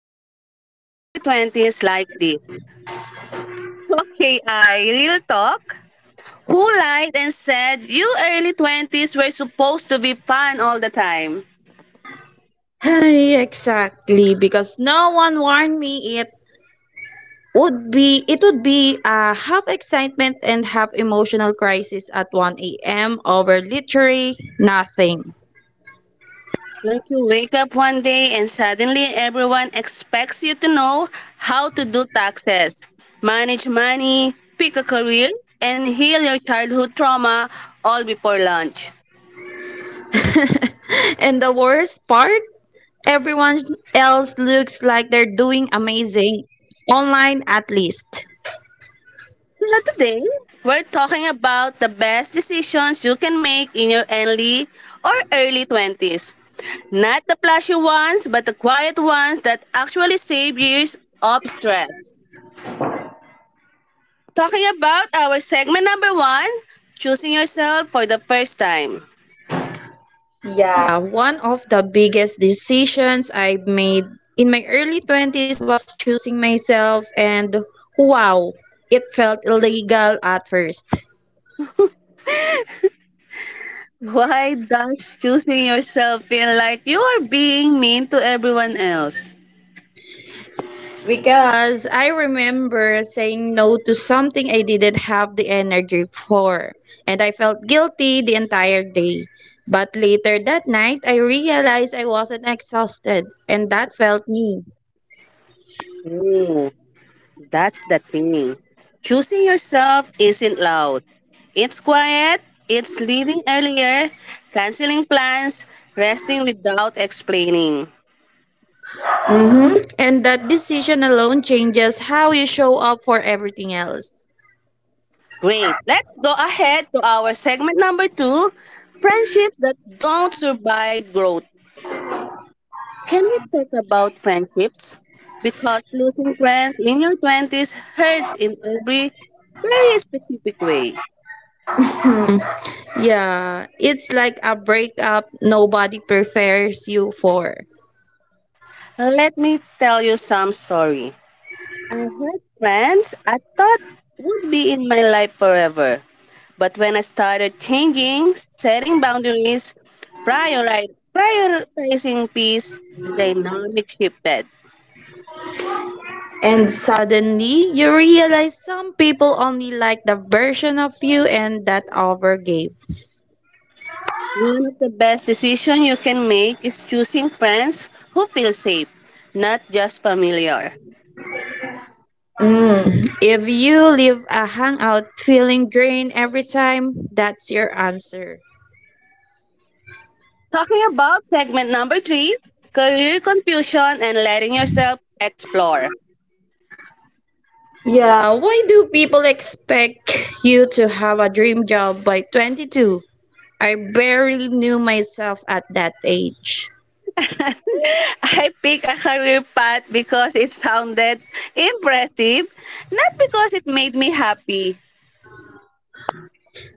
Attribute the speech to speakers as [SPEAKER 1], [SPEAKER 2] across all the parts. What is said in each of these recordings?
[SPEAKER 1] Why are our 20s like this? Okay, I real talk. Who lied and said you early 20s were supposed to be fun all the time?
[SPEAKER 2] Ay, exactly, because no one warned me it would be a half excitement and half emotional crisis at 1 a.m. over literally nothing.
[SPEAKER 1] Like you wake up one day and suddenly everyone expects you to know how to do taxes, manage money, pick a career, and heal your childhood trauma all before lunch.
[SPEAKER 2] And the worst part, everyone else looks like they're doing amazing online, at least.
[SPEAKER 1] So today, we're talking about the best decisions you can make in your early 20s. Not the flashy ones, but the quiet ones that actually save years of stress. Talking about our segment number one, choosing yourself for the first time.
[SPEAKER 2] Yeah, one of the biggest decisions I made in my early 20s was choosing myself, and wow, it felt illegal at first.
[SPEAKER 1] Why does choosing yourself feel like you are being mean to everyone else?
[SPEAKER 2] Because I remember saying no to something I didn't have the energy for, and I felt guilty the entire day. But later that night, I realized I wasn't exhausted, and that felt new.
[SPEAKER 1] That's the thing. Choosing yourself isn't loud. It's quiet, it's leaving earlier, canceling plans, resting without explaining.
[SPEAKER 2] And that decision alone changes how you show up for everything else.
[SPEAKER 1] Great. Let's go ahead to our segment number two, friendships that don't survive growth. Can we talk about friendships? Because losing friends in your 20s hurts in every very specific way.
[SPEAKER 2] Yeah, it's like a breakup nobody prepares you for.
[SPEAKER 1] Let me tell you some story. I had plans I thought would be in my life forever. But when I started changing, setting boundaries, prioritizing peace, the dynamic shifted.
[SPEAKER 2] And suddenly, you realize some people only like the version of you and that overgave.
[SPEAKER 1] One of the best decisions you can make is choosing friends who feel safe, not just familiar.
[SPEAKER 2] Mm. If you leave a hangout feeling drained every time, that's your answer.
[SPEAKER 1] Talking about segment number three, career confusion and letting yourself explore.
[SPEAKER 2] Yeah, why do people expect you to have a dream job by 22? I barely knew myself at that age.
[SPEAKER 1] I picked a career path because it sounded impressive, not because it made me happy.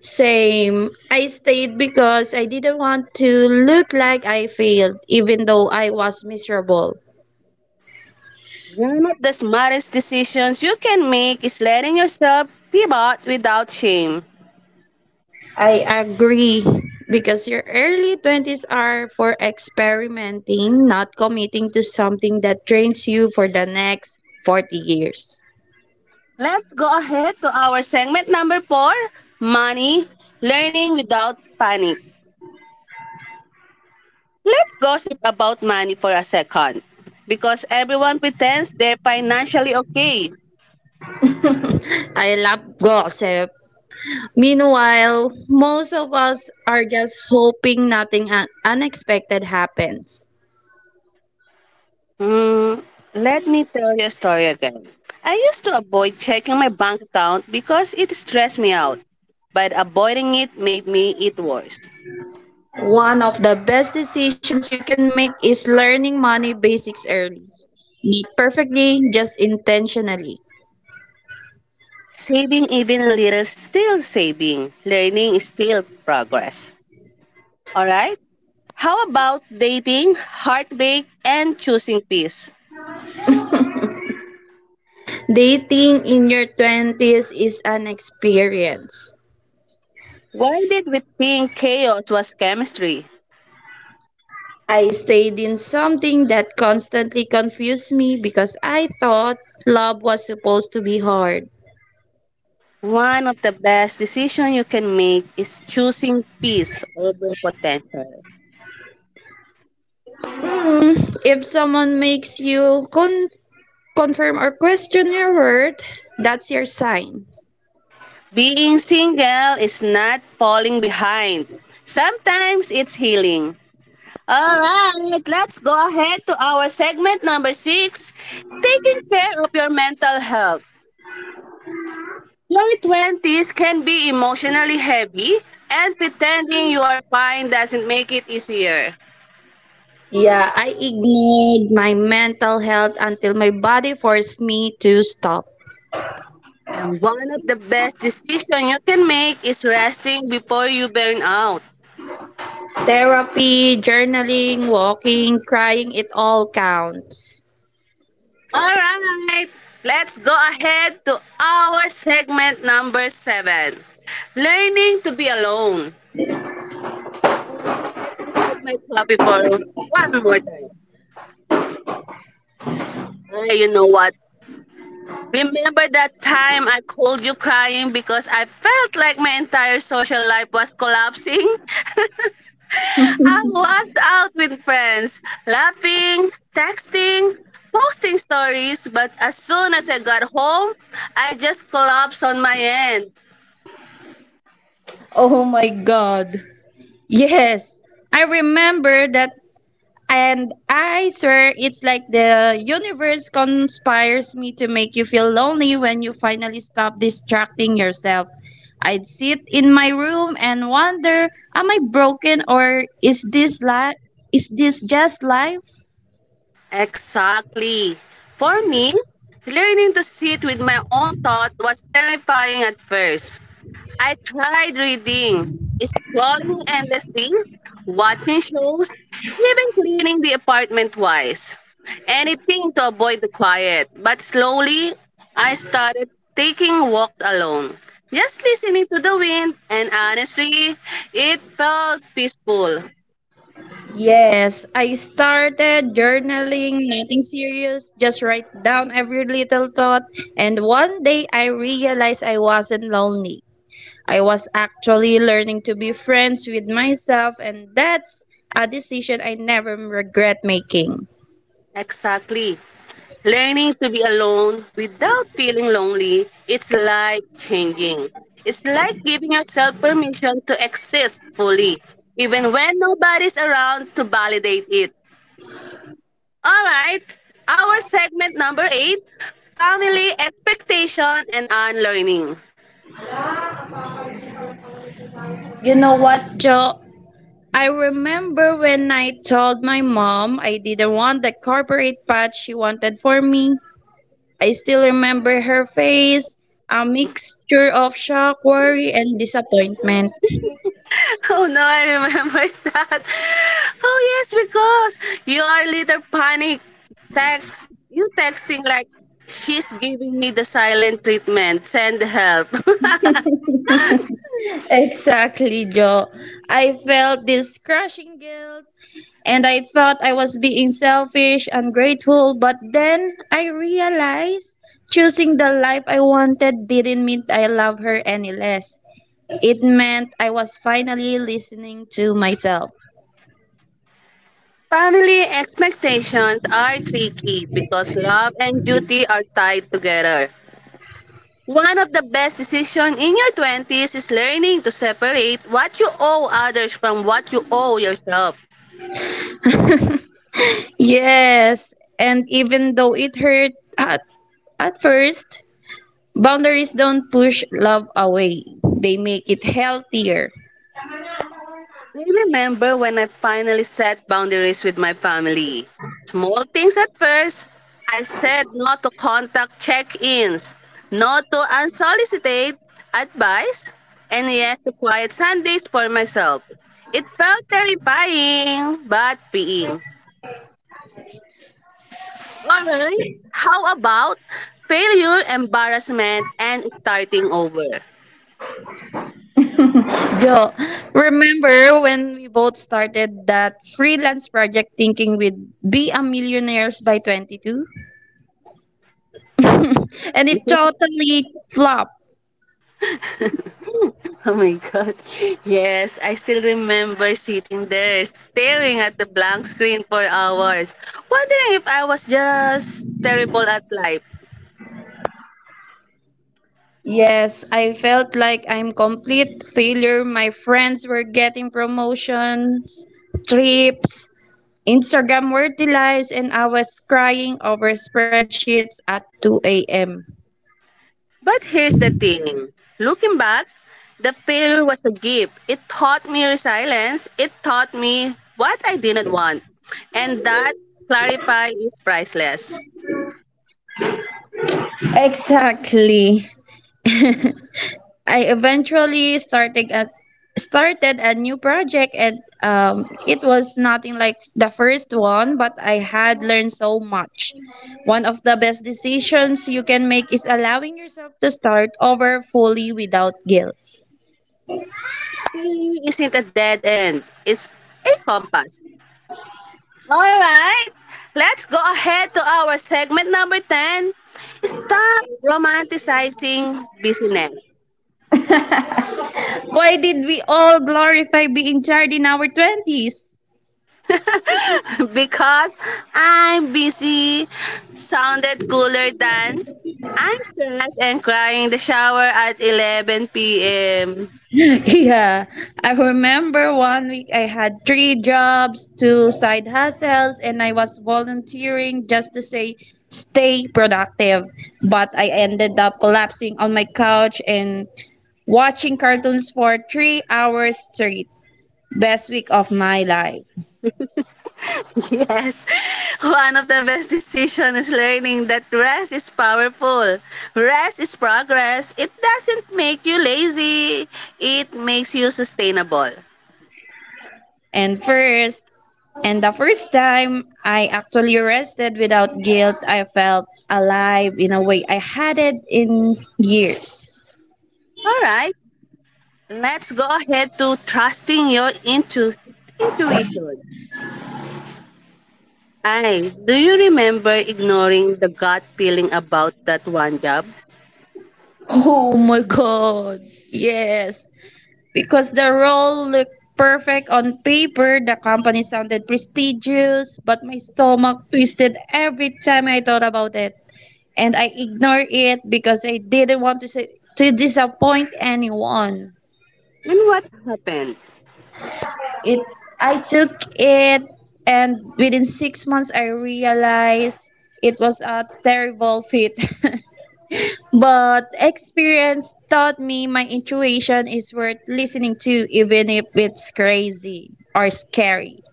[SPEAKER 2] Same. I stayed because I didn't want to look like I failed, even though I was miserable.
[SPEAKER 1] One of the smartest decisions you can make is letting yourself pivot without shame.
[SPEAKER 2] I agree. Because your early 20s are for experimenting, not committing to something that drains you for the next 40 years.
[SPEAKER 1] Let's go ahead to our segment number four, money, learning without panic. Let's gossip about money for a second because everyone pretends they're financially okay.
[SPEAKER 2] I love gossip. Meanwhile, most of us are just hoping nothing unexpected happens.
[SPEAKER 1] Let me tell you a story again. I used to avoid checking my bank account because it stressed me out, but avoiding it made me it worse.
[SPEAKER 2] One of the best decisions you can make is learning money basics early. Not perfectly, just intentionally.
[SPEAKER 1] Saving even a little is still saving. Learning is still progress. All right? How about dating, heartbreak, and choosing peace?
[SPEAKER 2] Dating in your 20s is an experience.
[SPEAKER 1] Why did we think chaos was chemistry?
[SPEAKER 2] I stayed in something that constantly confused me because I thought love was supposed to be hard.
[SPEAKER 1] One of the best decisions you can make is choosing peace over potential.
[SPEAKER 2] If someone makes you confirm or question your worth, that's your sign.
[SPEAKER 1] Being single is not falling behind. Sometimes it's healing. All right, let's go ahead to our segment number six, taking care of your mental health. Your twenties can be emotionally heavy, and pretending you are fine doesn't make it easier.
[SPEAKER 2] Yeah, I ignored my mental health until my body forced me to stop.
[SPEAKER 1] And one of the best decisions you can make is resting before you burn out.
[SPEAKER 2] Therapy, journaling, walking, crying, it all counts.
[SPEAKER 1] All right, let's go ahead to our segment number seven, learning to be alone. All right, let me sip my coffee for one more time. Ah, you know what? Remember that time I called you crying because I felt like my entire social life was collapsing? I was out with friends, laughing, texting, posting stories, but as soon as I got home, I just collapsed on my end.
[SPEAKER 2] Oh my god. Yes. I remember that. And I swear, it's like the universe conspires me to make you feel lonely when you finally stop distracting yourself. I'd sit in my room and wonder, am I broken or is this life? Is this just life?
[SPEAKER 1] Exactly. For me, learning to sit with my own thought was terrifying at first. I tried reading, scrolling endlessly, watching shows, even cleaning the apartment twice. Anything to avoid the quiet. But slowly, I started taking walks alone. Just listening to the wind, and honestly, it felt peaceful.
[SPEAKER 2] Yes, I started journaling, nothing serious, just write down every little thought. And one day I realized I wasn't lonely. I was actually learning to be friends with myself, and that's a decision I never regret making.
[SPEAKER 1] Exactly. Learning to be alone without feeling lonely, it's life changing. It's like giving yourself permission to exist fully, even when nobody's around to validate it. All right, our segment number eight, family expectation and unlearning.
[SPEAKER 2] Joe, I remember when I told my mom I didn't want the corporate path she wanted for me. I still remember her face, a mixture of shock, worry, and disappointment.
[SPEAKER 1] Oh no, I remember that. Oh yes, because you are little panic text. You texting like, she's giving me the silent treatment. Send help.
[SPEAKER 2] Exactly, Joe. I felt this crushing guilt, and I thought I was being selfish, ungrateful, but then I realized choosing the life I wanted didn't mean I loved her any less. It meant I was finally listening to myself.
[SPEAKER 1] Family expectations are tricky because love and duty are tied together. One of the best decisions in your 20s is learning to separate what you owe others from what you owe yourself.
[SPEAKER 2] Yes, and even though it hurt at, at first, boundaries don't push love away. They make it healthier.
[SPEAKER 1] I remember when I finally set boundaries with my family. Small things at first. I said no to contact check ins, no to unsolicited advice, and yes to quiet Sundays for myself. It felt terrifying, but freeing. Alright, how about failure, embarrassment, and starting over?
[SPEAKER 2] Yo, remember when we both started that freelance project thinking we'd be a millionaires by 22? And it totally flopped.
[SPEAKER 1] Oh my god. Yes, I still remember sitting there staring at the blank screen for hours, wondering if I was just terrible at life.
[SPEAKER 2] Yes, I felt like I'm complete failure. My friends were getting promotions, trips, Instagram worthy lives, and I was crying over spreadsheets at 2 a.m.
[SPEAKER 1] But here's the thing, looking back, the failure was a gift. It taught me resilience, it taught me what I didn't want. And that clarify is priceless.
[SPEAKER 2] Exactly. I eventually started a new project, and it was nothing like the first one, but I had learned so much. One of the best decisions you can make is allowing yourself to start over fully without guilt.
[SPEAKER 1] Failure isn't a dead end, it's a compass. All right, let's go ahead to our segment number 10. Stop romanticizing busyness.
[SPEAKER 2] Why did we all glorify being tired in our 20s?
[SPEAKER 1] Because I'm busy sounded cooler than I'm stressed and crying in the shower at 11 p.m.
[SPEAKER 2] Yeah, I remember one week I had three jobs, two side hustles, and I was volunteering just to say stay productive. But I ended up collapsing on my couch and watching cartoons for 3 hours straight. Best week of my life.
[SPEAKER 1] Yes, one of the best decisions is learning that rest is powerful. Rest is progress. It doesn't make you lazy, it makes you sustainable.
[SPEAKER 2] And first, and the first time I actually rested without guilt, I felt alive in a way I hadn't in years.
[SPEAKER 1] All right. Let's go ahead to trusting your intuition. I, do you remember ignoring the gut feeling about that one job?
[SPEAKER 2] Oh my god. Yes. Because the role looked perfect on paper, the company sounded prestigious, but my stomach twisted every time I thought about it. And I ignored it because I didn't want to say, to disappoint anyone.
[SPEAKER 1] And what happened?
[SPEAKER 2] It I took it, and within 6 months I realized it was a terrible fit. But experience taught me my intuition is worth listening to, even if it's crazy or scary.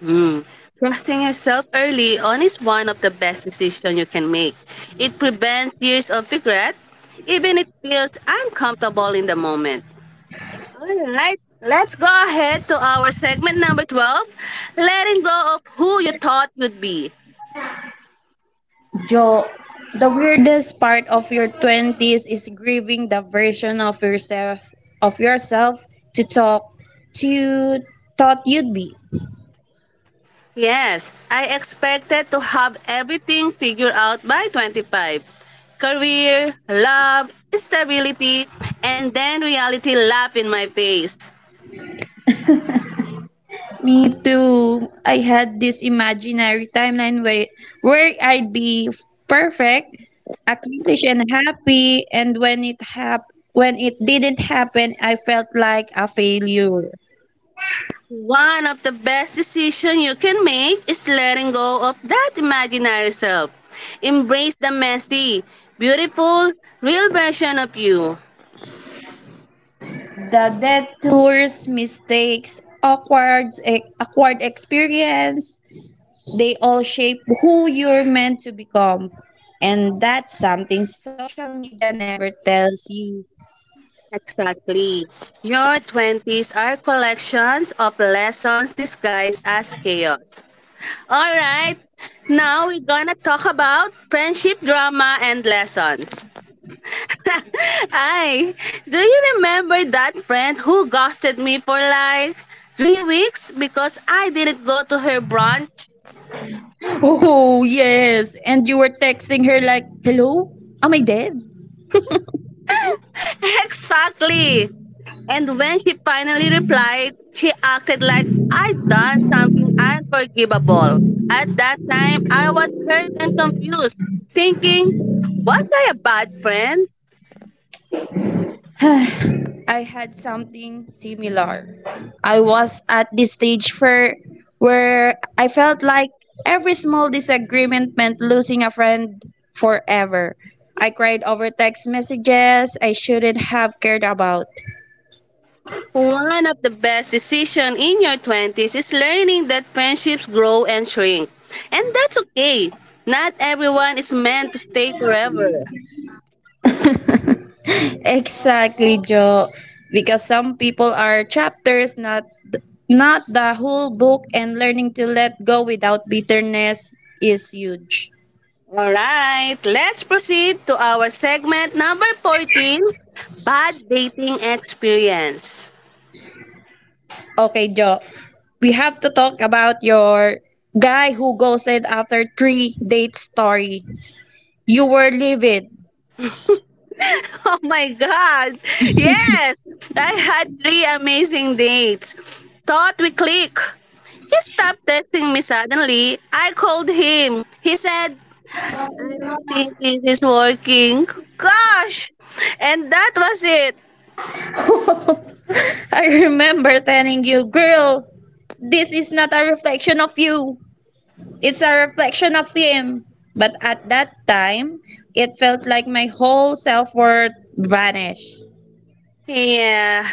[SPEAKER 1] Hmm. Trusting yourself early on is one of the best decisions you can make. It prevents years of regret, even if it feels uncomfortable in the moment. All right, let's go ahead to our segment number 12, letting go of who you thought would be.
[SPEAKER 2] Joe, the weirdest part of your 20s is grieving the version of yourself to talk to you thought you'd be.
[SPEAKER 1] Yes, I expected to have everything figured out by 25. Career, love, stability, and then reality laughed in my face.
[SPEAKER 2] Me too. I had this imaginary timeline where I'd be perfect, accomplished, and happy. And when it didn't happen, I felt like a failure.
[SPEAKER 1] One of the best decisions you can make is letting go of that imaginary self. Embrace the messy, beautiful, real version of you.
[SPEAKER 2] The detours, mistakes, awkward experience, they all shape who you're meant to become. And that's something social media never tells you.
[SPEAKER 1] Exactly. Your 20s are collections of lessons disguised as chaos. All right. Now we're gonna talk about friendship drama and lessons. I, do you remember that friend who ghosted me for like 3 weeks because I didn't go to her brunch?
[SPEAKER 2] Oh, yes. And you were texting her like, "Hello? Am I dead?"
[SPEAKER 1] Exactly. And when she finally replied, she acted like I'd done something unforgivable. At that time, I was hurt and confused, thinking, was I a bad friend?
[SPEAKER 2] I had something similar. I was at this stage for where I felt like every small disagreement meant losing a friend forever. I cried over text messages I shouldn't have cared about.
[SPEAKER 1] One of the best decisions in your 20s is learning that friendships grow and shrink. And that's okay. Not everyone is meant to stay forever.
[SPEAKER 2] Exactly, Joe. Because some people are chapters, not the whole book, and learning to let go without bitterness is huge.
[SPEAKER 1] All right, let's proceed to our segment number 14, Bad Dating Experience.
[SPEAKER 2] Okay, Joe. We have to talk about your guy who ghosted after three date story. You were livid.
[SPEAKER 1] Oh my God! Yes! I had three amazing dates. Thought we click. He stopped texting me suddenly. I called him. He said, I don't think this is working. Gosh! And that was it.
[SPEAKER 2] I remember telling you, "Girl, this is not a reflection of you. It's a reflection of him." But at that time, it felt like my whole self worth vanished.
[SPEAKER 1] Yeah,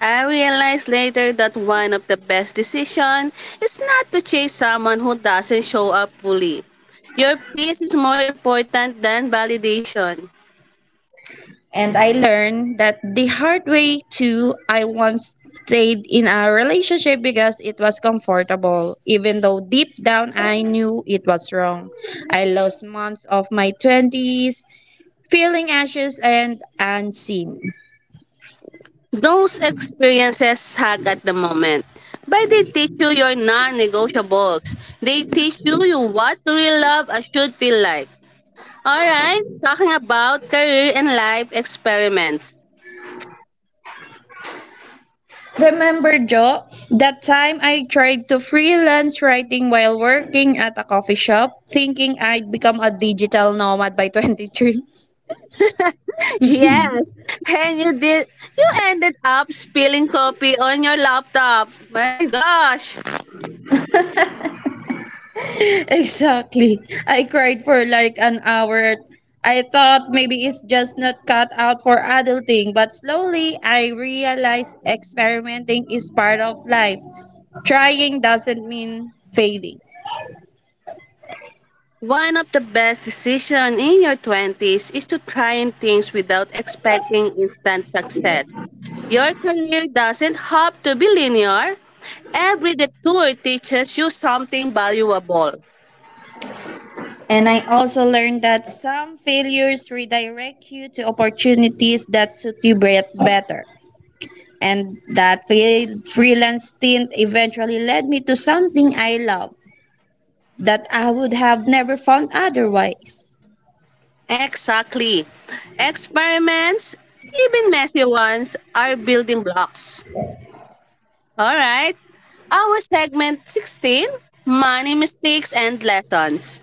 [SPEAKER 1] I realized later that one of the best decisions is not to chase someone who doesn't show up fully. Your peace is more important than validation.
[SPEAKER 2] And I learned that the hard way too. I once stayed in a relationship because it was comfortable, even though deep down I knew it was wrong. I lost months of my 20s feeling anxious and unseen.
[SPEAKER 1] Those experiences suck at the moment, but they teach you your non negotiables. They teach you, you what real love should feel like. Alright, talking about career and life experiments.
[SPEAKER 2] Remember, Joe, that time I tried to freelance writing while working at a coffee shop, thinking I'd become a digital nomad by 23?
[SPEAKER 1] Yes. And you did, you ended up spilling coffee on your laptop. My gosh.
[SPEAKER 2] Exactly. I cried for like an hour. I thought maybe it's just not cut out for adulting, but slowly I realized experimenting is part of life. Trying doesn't mean failing.
[SPEAKER 1] One of the best decisions in your 20s is to trying things without expecting instant success. Your career doesn't have to be linear. Every detour teaches you something valuable.
[SPEAKER 2] And I also learned that some failures redirect you to opportunities that suit you better. And that freelance stint eventually led me to something I love, that I would have never found otherwise.
[SPEAKER 1] Exactly. Experiments, even messy ones, are building blocks. All right. Our segment 16, Money Mistakes and Lessons.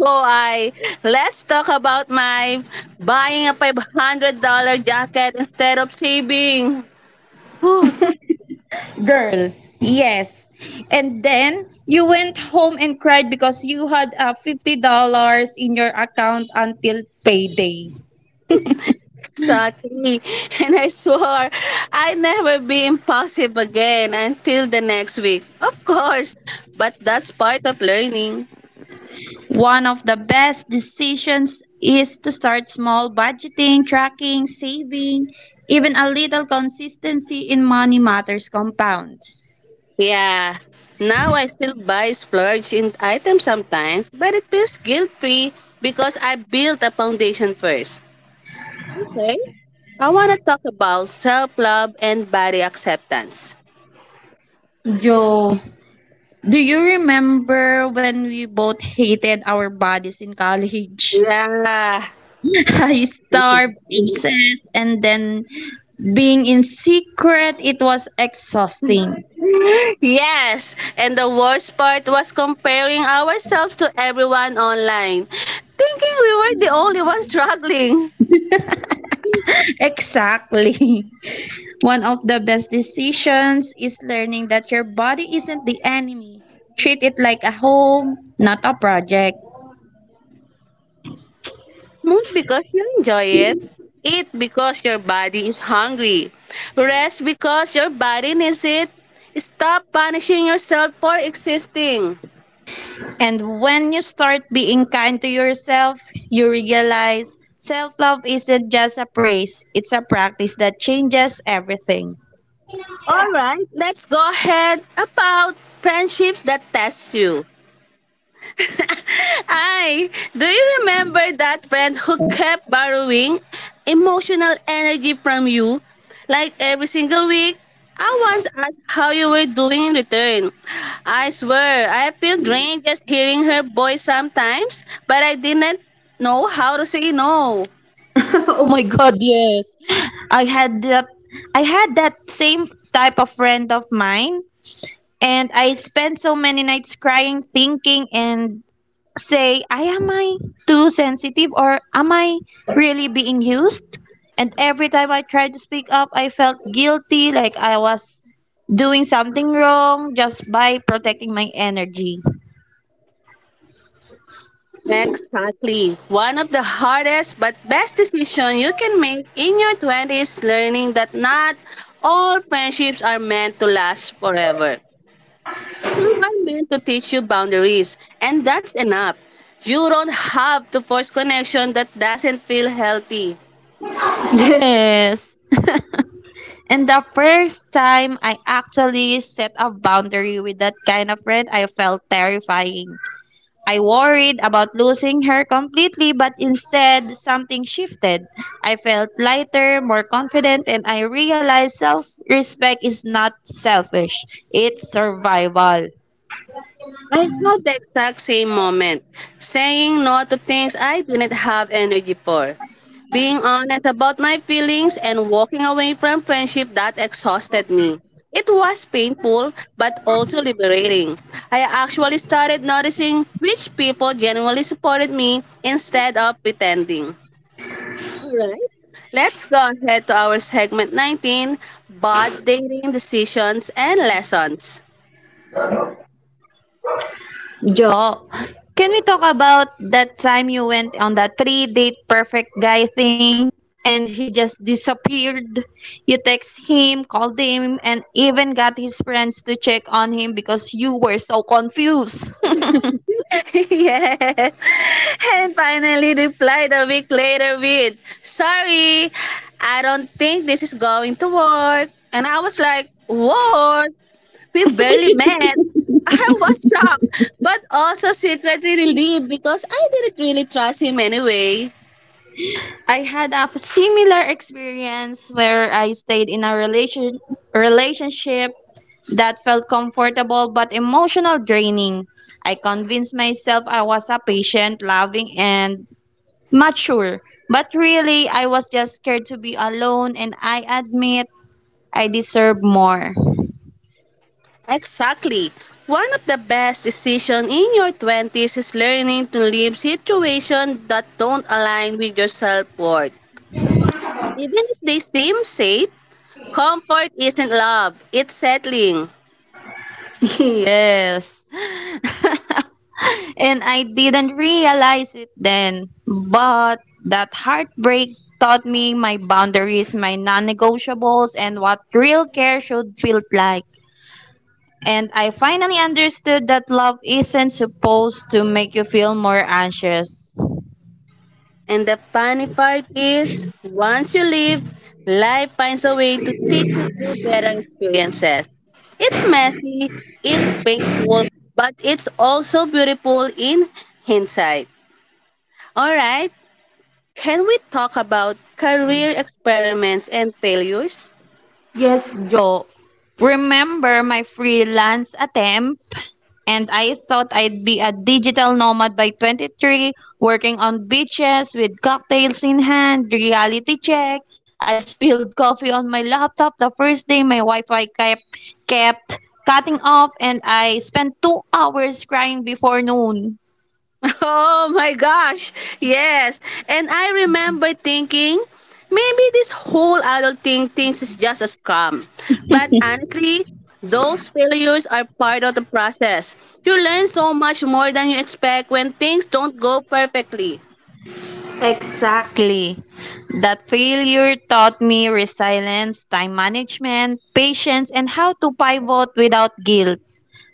[SPEAKER 1] Oh, I let's talk about my buying a $500 jacket instead of saving. Whew,
[SPEAKER 2] Girl, yes. And then you went home and cried because you had $50 in your account until payday.
[SPEAKER 1] exactly. And I swore I'd never be impulsive again until the next week. Of course, but that's part of learning.
[SPEAKER 2] One of the best decisions is to start small: budgeting, tracking, saving, even a little consistency in money matters compounds.
[SPEAKER 1] Yeah. Now I still buy splurge in items sometimes, but it feels guilt-free because I built a foundation first. Okay. I want to talk about self-love and body acceptance.
[SPEAKER 2] Yo, do you remember when we both hated our bodies in college?
[SPEAKER 1] Yeah.
[SPEAKER 2] I starved, obsessed, and then being in secret, it was exhausting.
[SPEAKER 1] Yes. And the worst part was comparing ourselves to everyone online, thinking we were the only ones struggling.
[SPEAKER 2] Exactly. One of the best decisions is learning that your body isn't the enemy. Treat it like a home, not a project.
[SPEAKER 1] Move because you enjoy it. Eat because your body is hungry. Rest because your body needs it. Stop punishing yourself for existing.
[SPEAKER 2] And when you start being kind to yourself, you realize self love isn't just a praise, it's a practice that changes everything.
[SPEAKER 1] All right, let's go ahead about friendships that test you. Hi, do you remember that friend who kept borrowing emotional energy from you? Like every single week, I once asked how you were doing in return. I swear, I feel drained just hearing her voice sometimes, but I didn't know how to say no.
[SPEAKER 2] Oh my god, yes. I had that I had that same type of friend of mine, and I spent so many nights crying, thinking and say, I am I too sensitive, or am I really being used? And every time I tried to speak up, I felt guilty, like I was doing something wrong just by protecting my energy.
[SPEAKER 1] Exactly. One of the hardest but best decisions you can make in your 20s, learning that not all friendships are meant to last forever. Some are meant to teach you boundaries, and that's enough. You don't have to force connection that doesn't feel healthy.
[SPEAKER 2] Yes. Yes. And the first time I actually set a boundary with that kind of friend, I felt terrifying. I worried about losing her completely, but instead, something shifted. I felt lighter, more confident, and I realized self respect is not selfish, it's survival.
[SPEAKER 1] I had the exact same moment, saying no to things I didn't have energy for, being honest about my feelings, and walking away from friendship that exhausted me. It was painful, but also liberating. I actually started noticing which people genuinely supported me instead of pretending. All right. Let's go ahead to our segment 19, Bad Dating Decisions and Lessons.
[SPEAKER 2] Jo, oh, can we talk about that time you went on that three date perfect guy thing and he just disappeared? You text him, called him, and even got his friends to check on him because you were so confused.
[SPEAKER 1] Yeah. And finally replied a week later with, Sorry, I don't think this is going to work. And I was like, What? We barely met. I was shocked, but also secretly relieved because I didn't really trust him anyway.
[SPEAKER 2] I had a similar experience where I stayed in a relationship that felt comfortable but emotional draining. I convinced myself I was a patient, loving, and mature. But really, I was just scared to be alone, and I admit I deserve more.
[SPEAKER 1] Exactly. One of the best decisions in your twenties is learning to leave situations that don't align with your self-worth. Even if they seem safe, comfort isn't love, it's settling.
[SPEAKER 2] Yes. And I didn't realize it then, but that heartbreak taught me my boundaries, my non negotiables, and what real care should feel like. And I finally understood that love isn't supposed to make you feel more anxious.
[SPEAKER 1] And the funny part is, once you leave, life finds a way to teach you through better experiences. It's messy, it's painful, but it's also beautiful in hindsight. All right, can we talk about career experiments and failures?
[SPEAKER 2] Yes, Joe. Remember my freelance attempt? And I thought I'd be a digital nomad by 23, working on beaches with cocktails in hand. Reality check. I spilled coffee on my laptop the first day, my Wi-Fi kept cutting off, and I spent 2 hours crying before noon.
[SPEAKER 1] Oh my gosh, yes. And I remember thinking, maybe this whole adulting thing is just a scam. But honestly, those failures are part of the process. You learn so much more than you expect when things don't go perfectly.
[SPEAKER 2] Exactly. That failure taught me resilience, time management, patience, and how to pivot without guilt.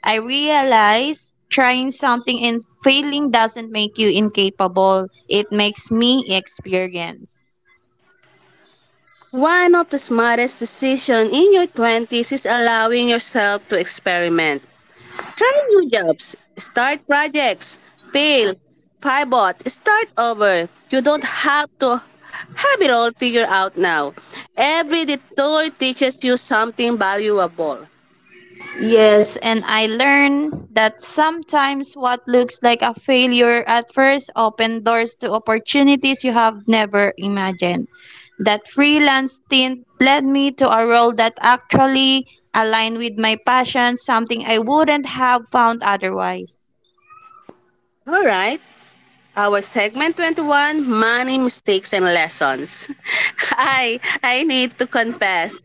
[SPEAKER 2] I realized trying something and failing doesn't make you incapable, it makes me experienced.
[SPEAKER 1] One of the smartest decisions in your 20s is allowing yourself to experiment. Try new jobs, start projects, fail, pivot, start over. You don't have to have it all figured out now. Every detour teaches you something valuable.
[SPEAKER 2] Yes, and I learned that sometimes what looks like a failure at first open doors to opportunities you have never imagined. That freelance stint led me to a role that actually aligned with my passion, something I wouldn't have found otherwise.
[SPEAKER 1] All right, our segment 21 money mistakes and lessons. I need to confess.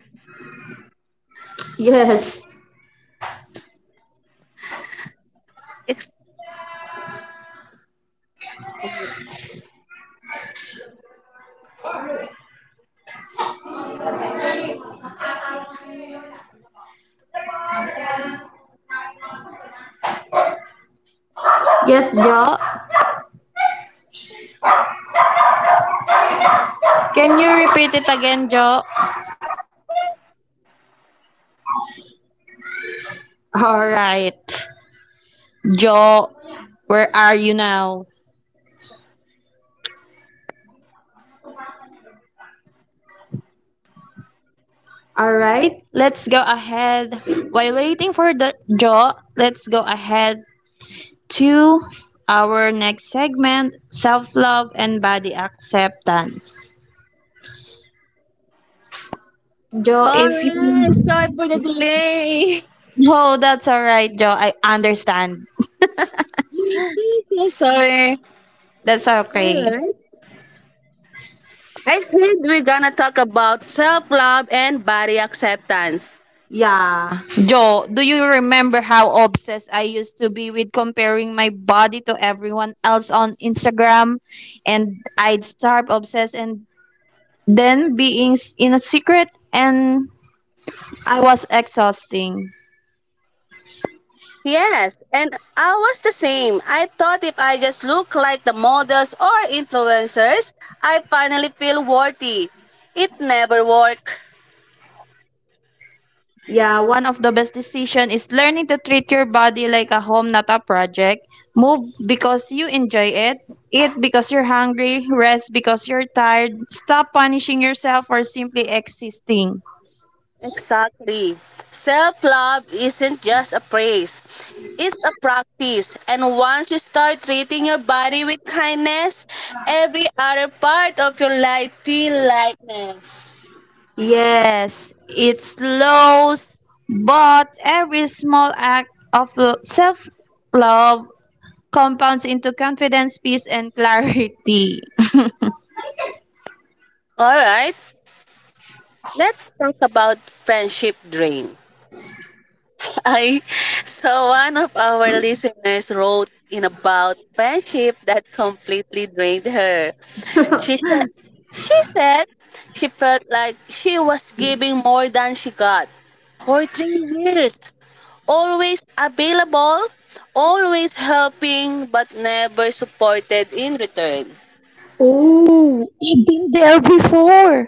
[SPEAKER 2] Yes.
[SPEAKER 1] It's
[SPEAKER 2] Yes, Jo. Can you repeat it again, Jo? All right. Right. Jo, where are you now? All right, let's go ahead. While waiting for the Joe, let's go ahead to our next segment, self-love and body acceptance. Joe,
[SPEAKER 1] all
[SPEAKER 2] if you
[SPEAKER 1] right, sorry for the delay.
[SPEAKER 2] no, that's all right, Joe. I understand.
[SPEAKER 1] So sorry.
[SPEAKER 2] That's
[SPEAKER 1] All
[SPEAKER 2] okay.
[SPEAKER 1] right. I think we're gonna talk about self love and body acceptance.
[SPEAKER 2] Yeah. Joe, do you remember how obsessed I used to be with comparing my body to everyone else on Instagram? And I'd start obsessed and then being in a secret and I was exhausting.
[SPEAKER 1] Yes, and I was the same. I thought if I just look like the models or influencers, I finally feel worthy. It never worked.
[SPEAKER 2] Yeah, one of the best decision is learning to treat your body like a home, not a project. Move because you enjoy it. Eat because you're hungry. Rest because you're tired. Stop punishing yourself for simply existing.
[SPEAKER 1] Exactly. Self love isn't just a praise, it's a practice. And once you start treating your body with kindness, every other part of your life feel lightness.
[SPEAKER 2] Yes, it slows, but every small act of self love compounds into confidence, peace, and clarity.
[SPEAKER 1] All right. Let's talk about friendship drain. I so one of our listeners wrote in about friendship that completely drained her. She said, she said she felt like she was giving more than she got for 3 years. Always available, always helping, but never supported in return.
[SPEAKER 2] Oh, I've been there before.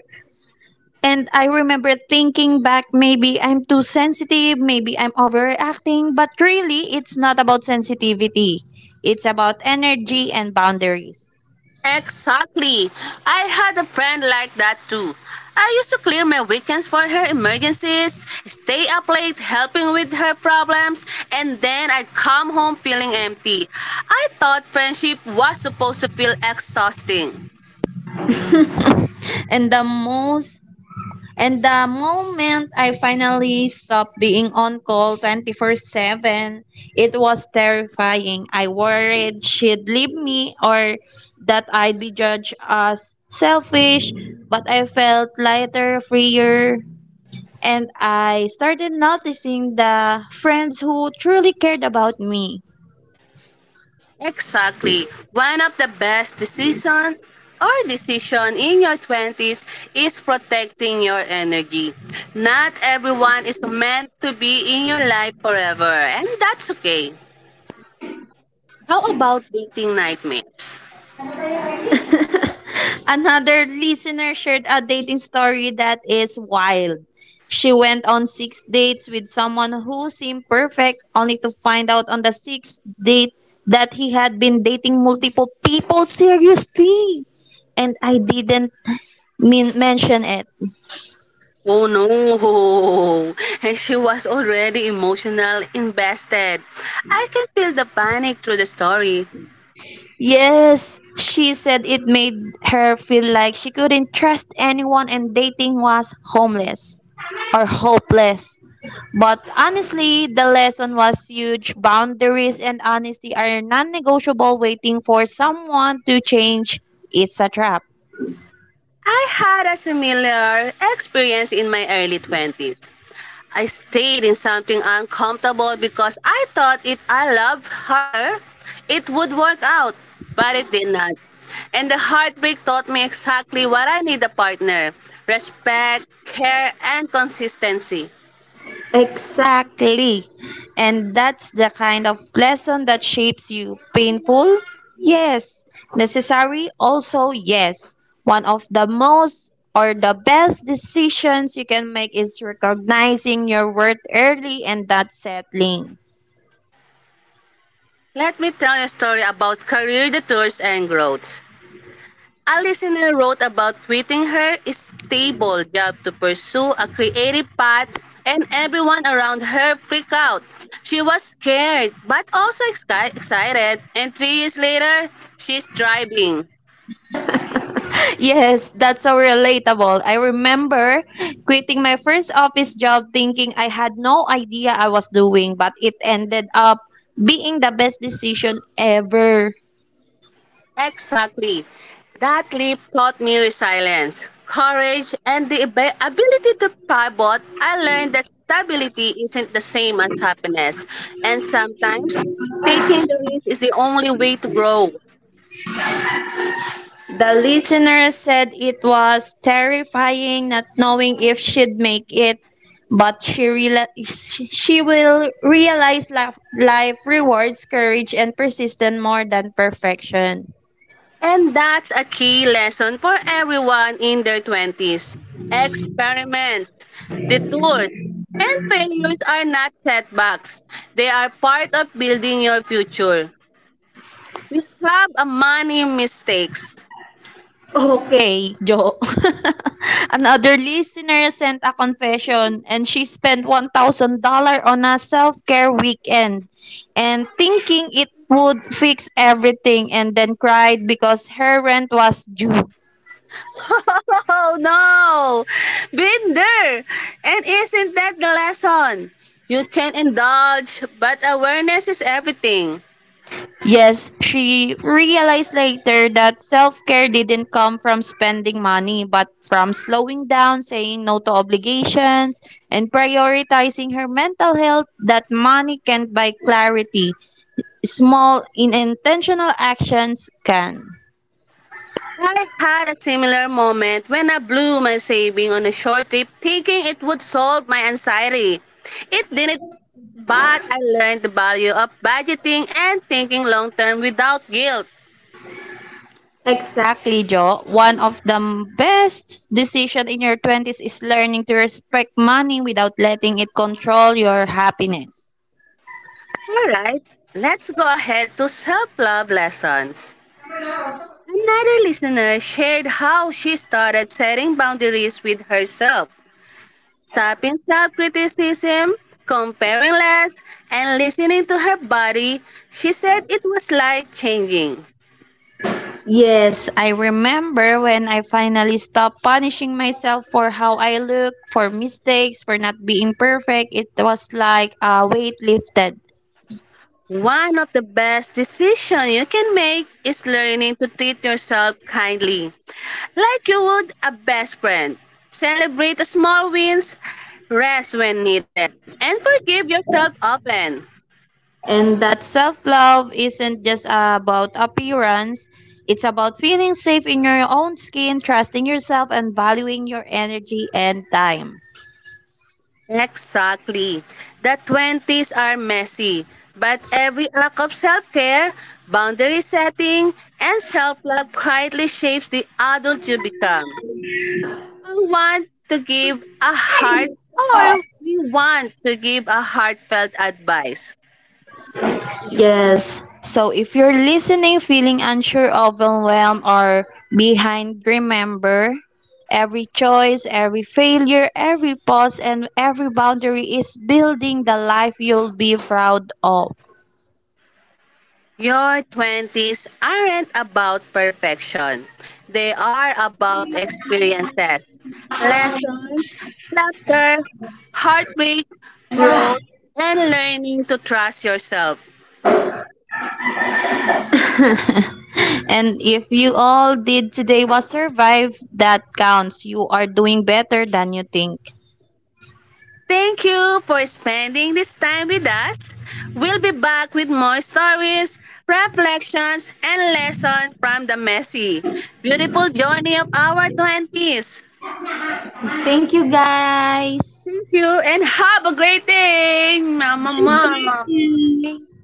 [SPEAKER 2] And I remember thinking back, maybe I'm too sensitive, maybe I'm overreacting, but really, it's not about sensitivity. It's about energy and boundaries.
[SPEAKER 1] Exactly. I had a friend like that too. I used to clear my weekends for her emergencies, stay up late helping with her problems, and then I'd come home feeling empty. I thought friendship was supposed to feel exhausting.
[SPEAKER 2] And the most and the moment I finally stopped being on call 24/7, it was terrifying. I worried she'd leave me or that I'd be judged as selfish, but I felt lighter, freer, and I started noticing the friends who truly cared about me.
[SPEAKER 1] Exactly. One of the best decisions or decision in your 20s is protecting your energy. Not everyone is meant to be in your life forever, and that's okay. How about dating nightmares?
[SPEAKER 2] Another listener shared a dating story that is wild. She went on six dates with someone who seemed perfect, only to find out on the sixth date that he had been dating multiple people seriously. And I didn't mean, mention it.
[SPEAKER 1] Oh no! And she was already emotional invested. I can feel the panic through the story.
[SPEAKER 2] Yes, she said it made her feel like she couldn't trust anyone and dating was homeless or hopeless. But honestly, the lesson was huge. Boundaries and honesty are non negotiable, waiting for someone to change. It's a trap.
[SPEAKER 1] I had a similar experience in my early 20s. I stayed in something uncomfortable because I thought if I loved harder, it would work out. But it did not. And the heartbreak taught me exactly what I need a partner, respect, care, and consistency.
[SPEAKER 2] Exactly. And that's the kind of lesson that shapes you. Painful? Yes. Necessary? Also, yes. One of the most or the best decisions you can make is recognizing your worth early and not settling.
[SPEAKER 1] Let me tell you a story about career detours and growth. A listener wrote about quitting her stable job to pursue a creative path, and everyone around her freaked out. She was scared, but also excited, and 3 years later, she's thriving.
[SPEAKER 2] Yes, that's so relatable. I remember quitting my first office job thinking I had no idea I was doing, but it ended up being the best decision ever.
[SPEAKER 1] Exactly. That leap taught me resilience, courage, and the ability to pivot. I learned that stability isn't the same as happiness. And sometimes taking the risk is the only way to grow.
[SPEAKER 2] The listener said it was terrifying not knowing if she'd make it, but she she will realize life, life rewards courage and persistence more than perfection.
[SPEAKER 1] And that's a key lesson for everyone in their 20s. Experiment, detours, and failures are not setbacks. They are part of building your future. We have a money mistakes.
[SPEAKER 2] Okay, Joe. Another listener sent a confession and she spent $1,000 on a self-care weekend and thinking it would fix everything and then cried because her rent was due.
[SPEAKER 1] Oh no! Been there! And isn't that the lesson? You can indulge, but awareness is everything.
[SPEAKER 2] Yes, she realized later that self care didn't come from spending money, but from slowing down, saying no to obligations, and prioritizing her mental health that money can't buy clarity. Small, intentional actions can.
[SPEAKER 1] I had a similar moment when I blew my saving on a short trip thinking it would solve my anxiety. It didn't, but I learned the value of budgeting and thinking long term without guilt.
[SPEAKER 2] Exactly. Exactly, Jo. One of the best decision in your 20s is learning to respect money without letting it control your happiness.
[SPEAKER 1] Alright, let's go ahead to self love lessons. Another listener shared how she started setting boundaries with herself, stopping self criticism, comparing less, and listening to her body. She said it was life changing.
[SPEAKER 2] Yes, I remember when I finally stopped punishing myself for how I look, for mistakes, for not being perfect. It was like a weight lifted.
[SPEAKER 1] One of the best decisions you can make is learning to treat yourself kindly, like you would a best friend. Celebrate the small wins, rest when needed, and forgive yourself often.
[SPEAKER 2] And that self love isn't just about appearance, it's about feeling safe in your own skin, trusting yourself, and valuing your energy and time.
[SPEAKER 1] Exactly. The 20s are messy, but every act of self care, boundary setting, and self love quietly shapes the adult you become. We want to give a heart, or we want to give a heartfelt advice.
[SPEAKER 2] Yes. So if you're listening feeling unsure, overwhelmed, or behind, remember every choice, every failure, every pause, and every boundary is building the life you'll be proud of.
[SPEAKER 1] Your 20s aren't about perfection. They are about experiences, lessons, laughter, heartbreak, growth, and learning to trust yourself.
[SPEAKER 2] And if you all did today was survive, that counts. You are doing better than you think.
[SPEAKER 1] Thank you for spending this time with us. We'll be back with more stories, reflections, and lessons from the messy, beautiful journey of our 20s.
[SPEAKER 2] Thank you guys.
[SPEAKER 1] Thank you and have a great day, Mama
[SPEAKER 2] Thank
[SPEAKER 1] Mom.
[SPEAKER 2] you.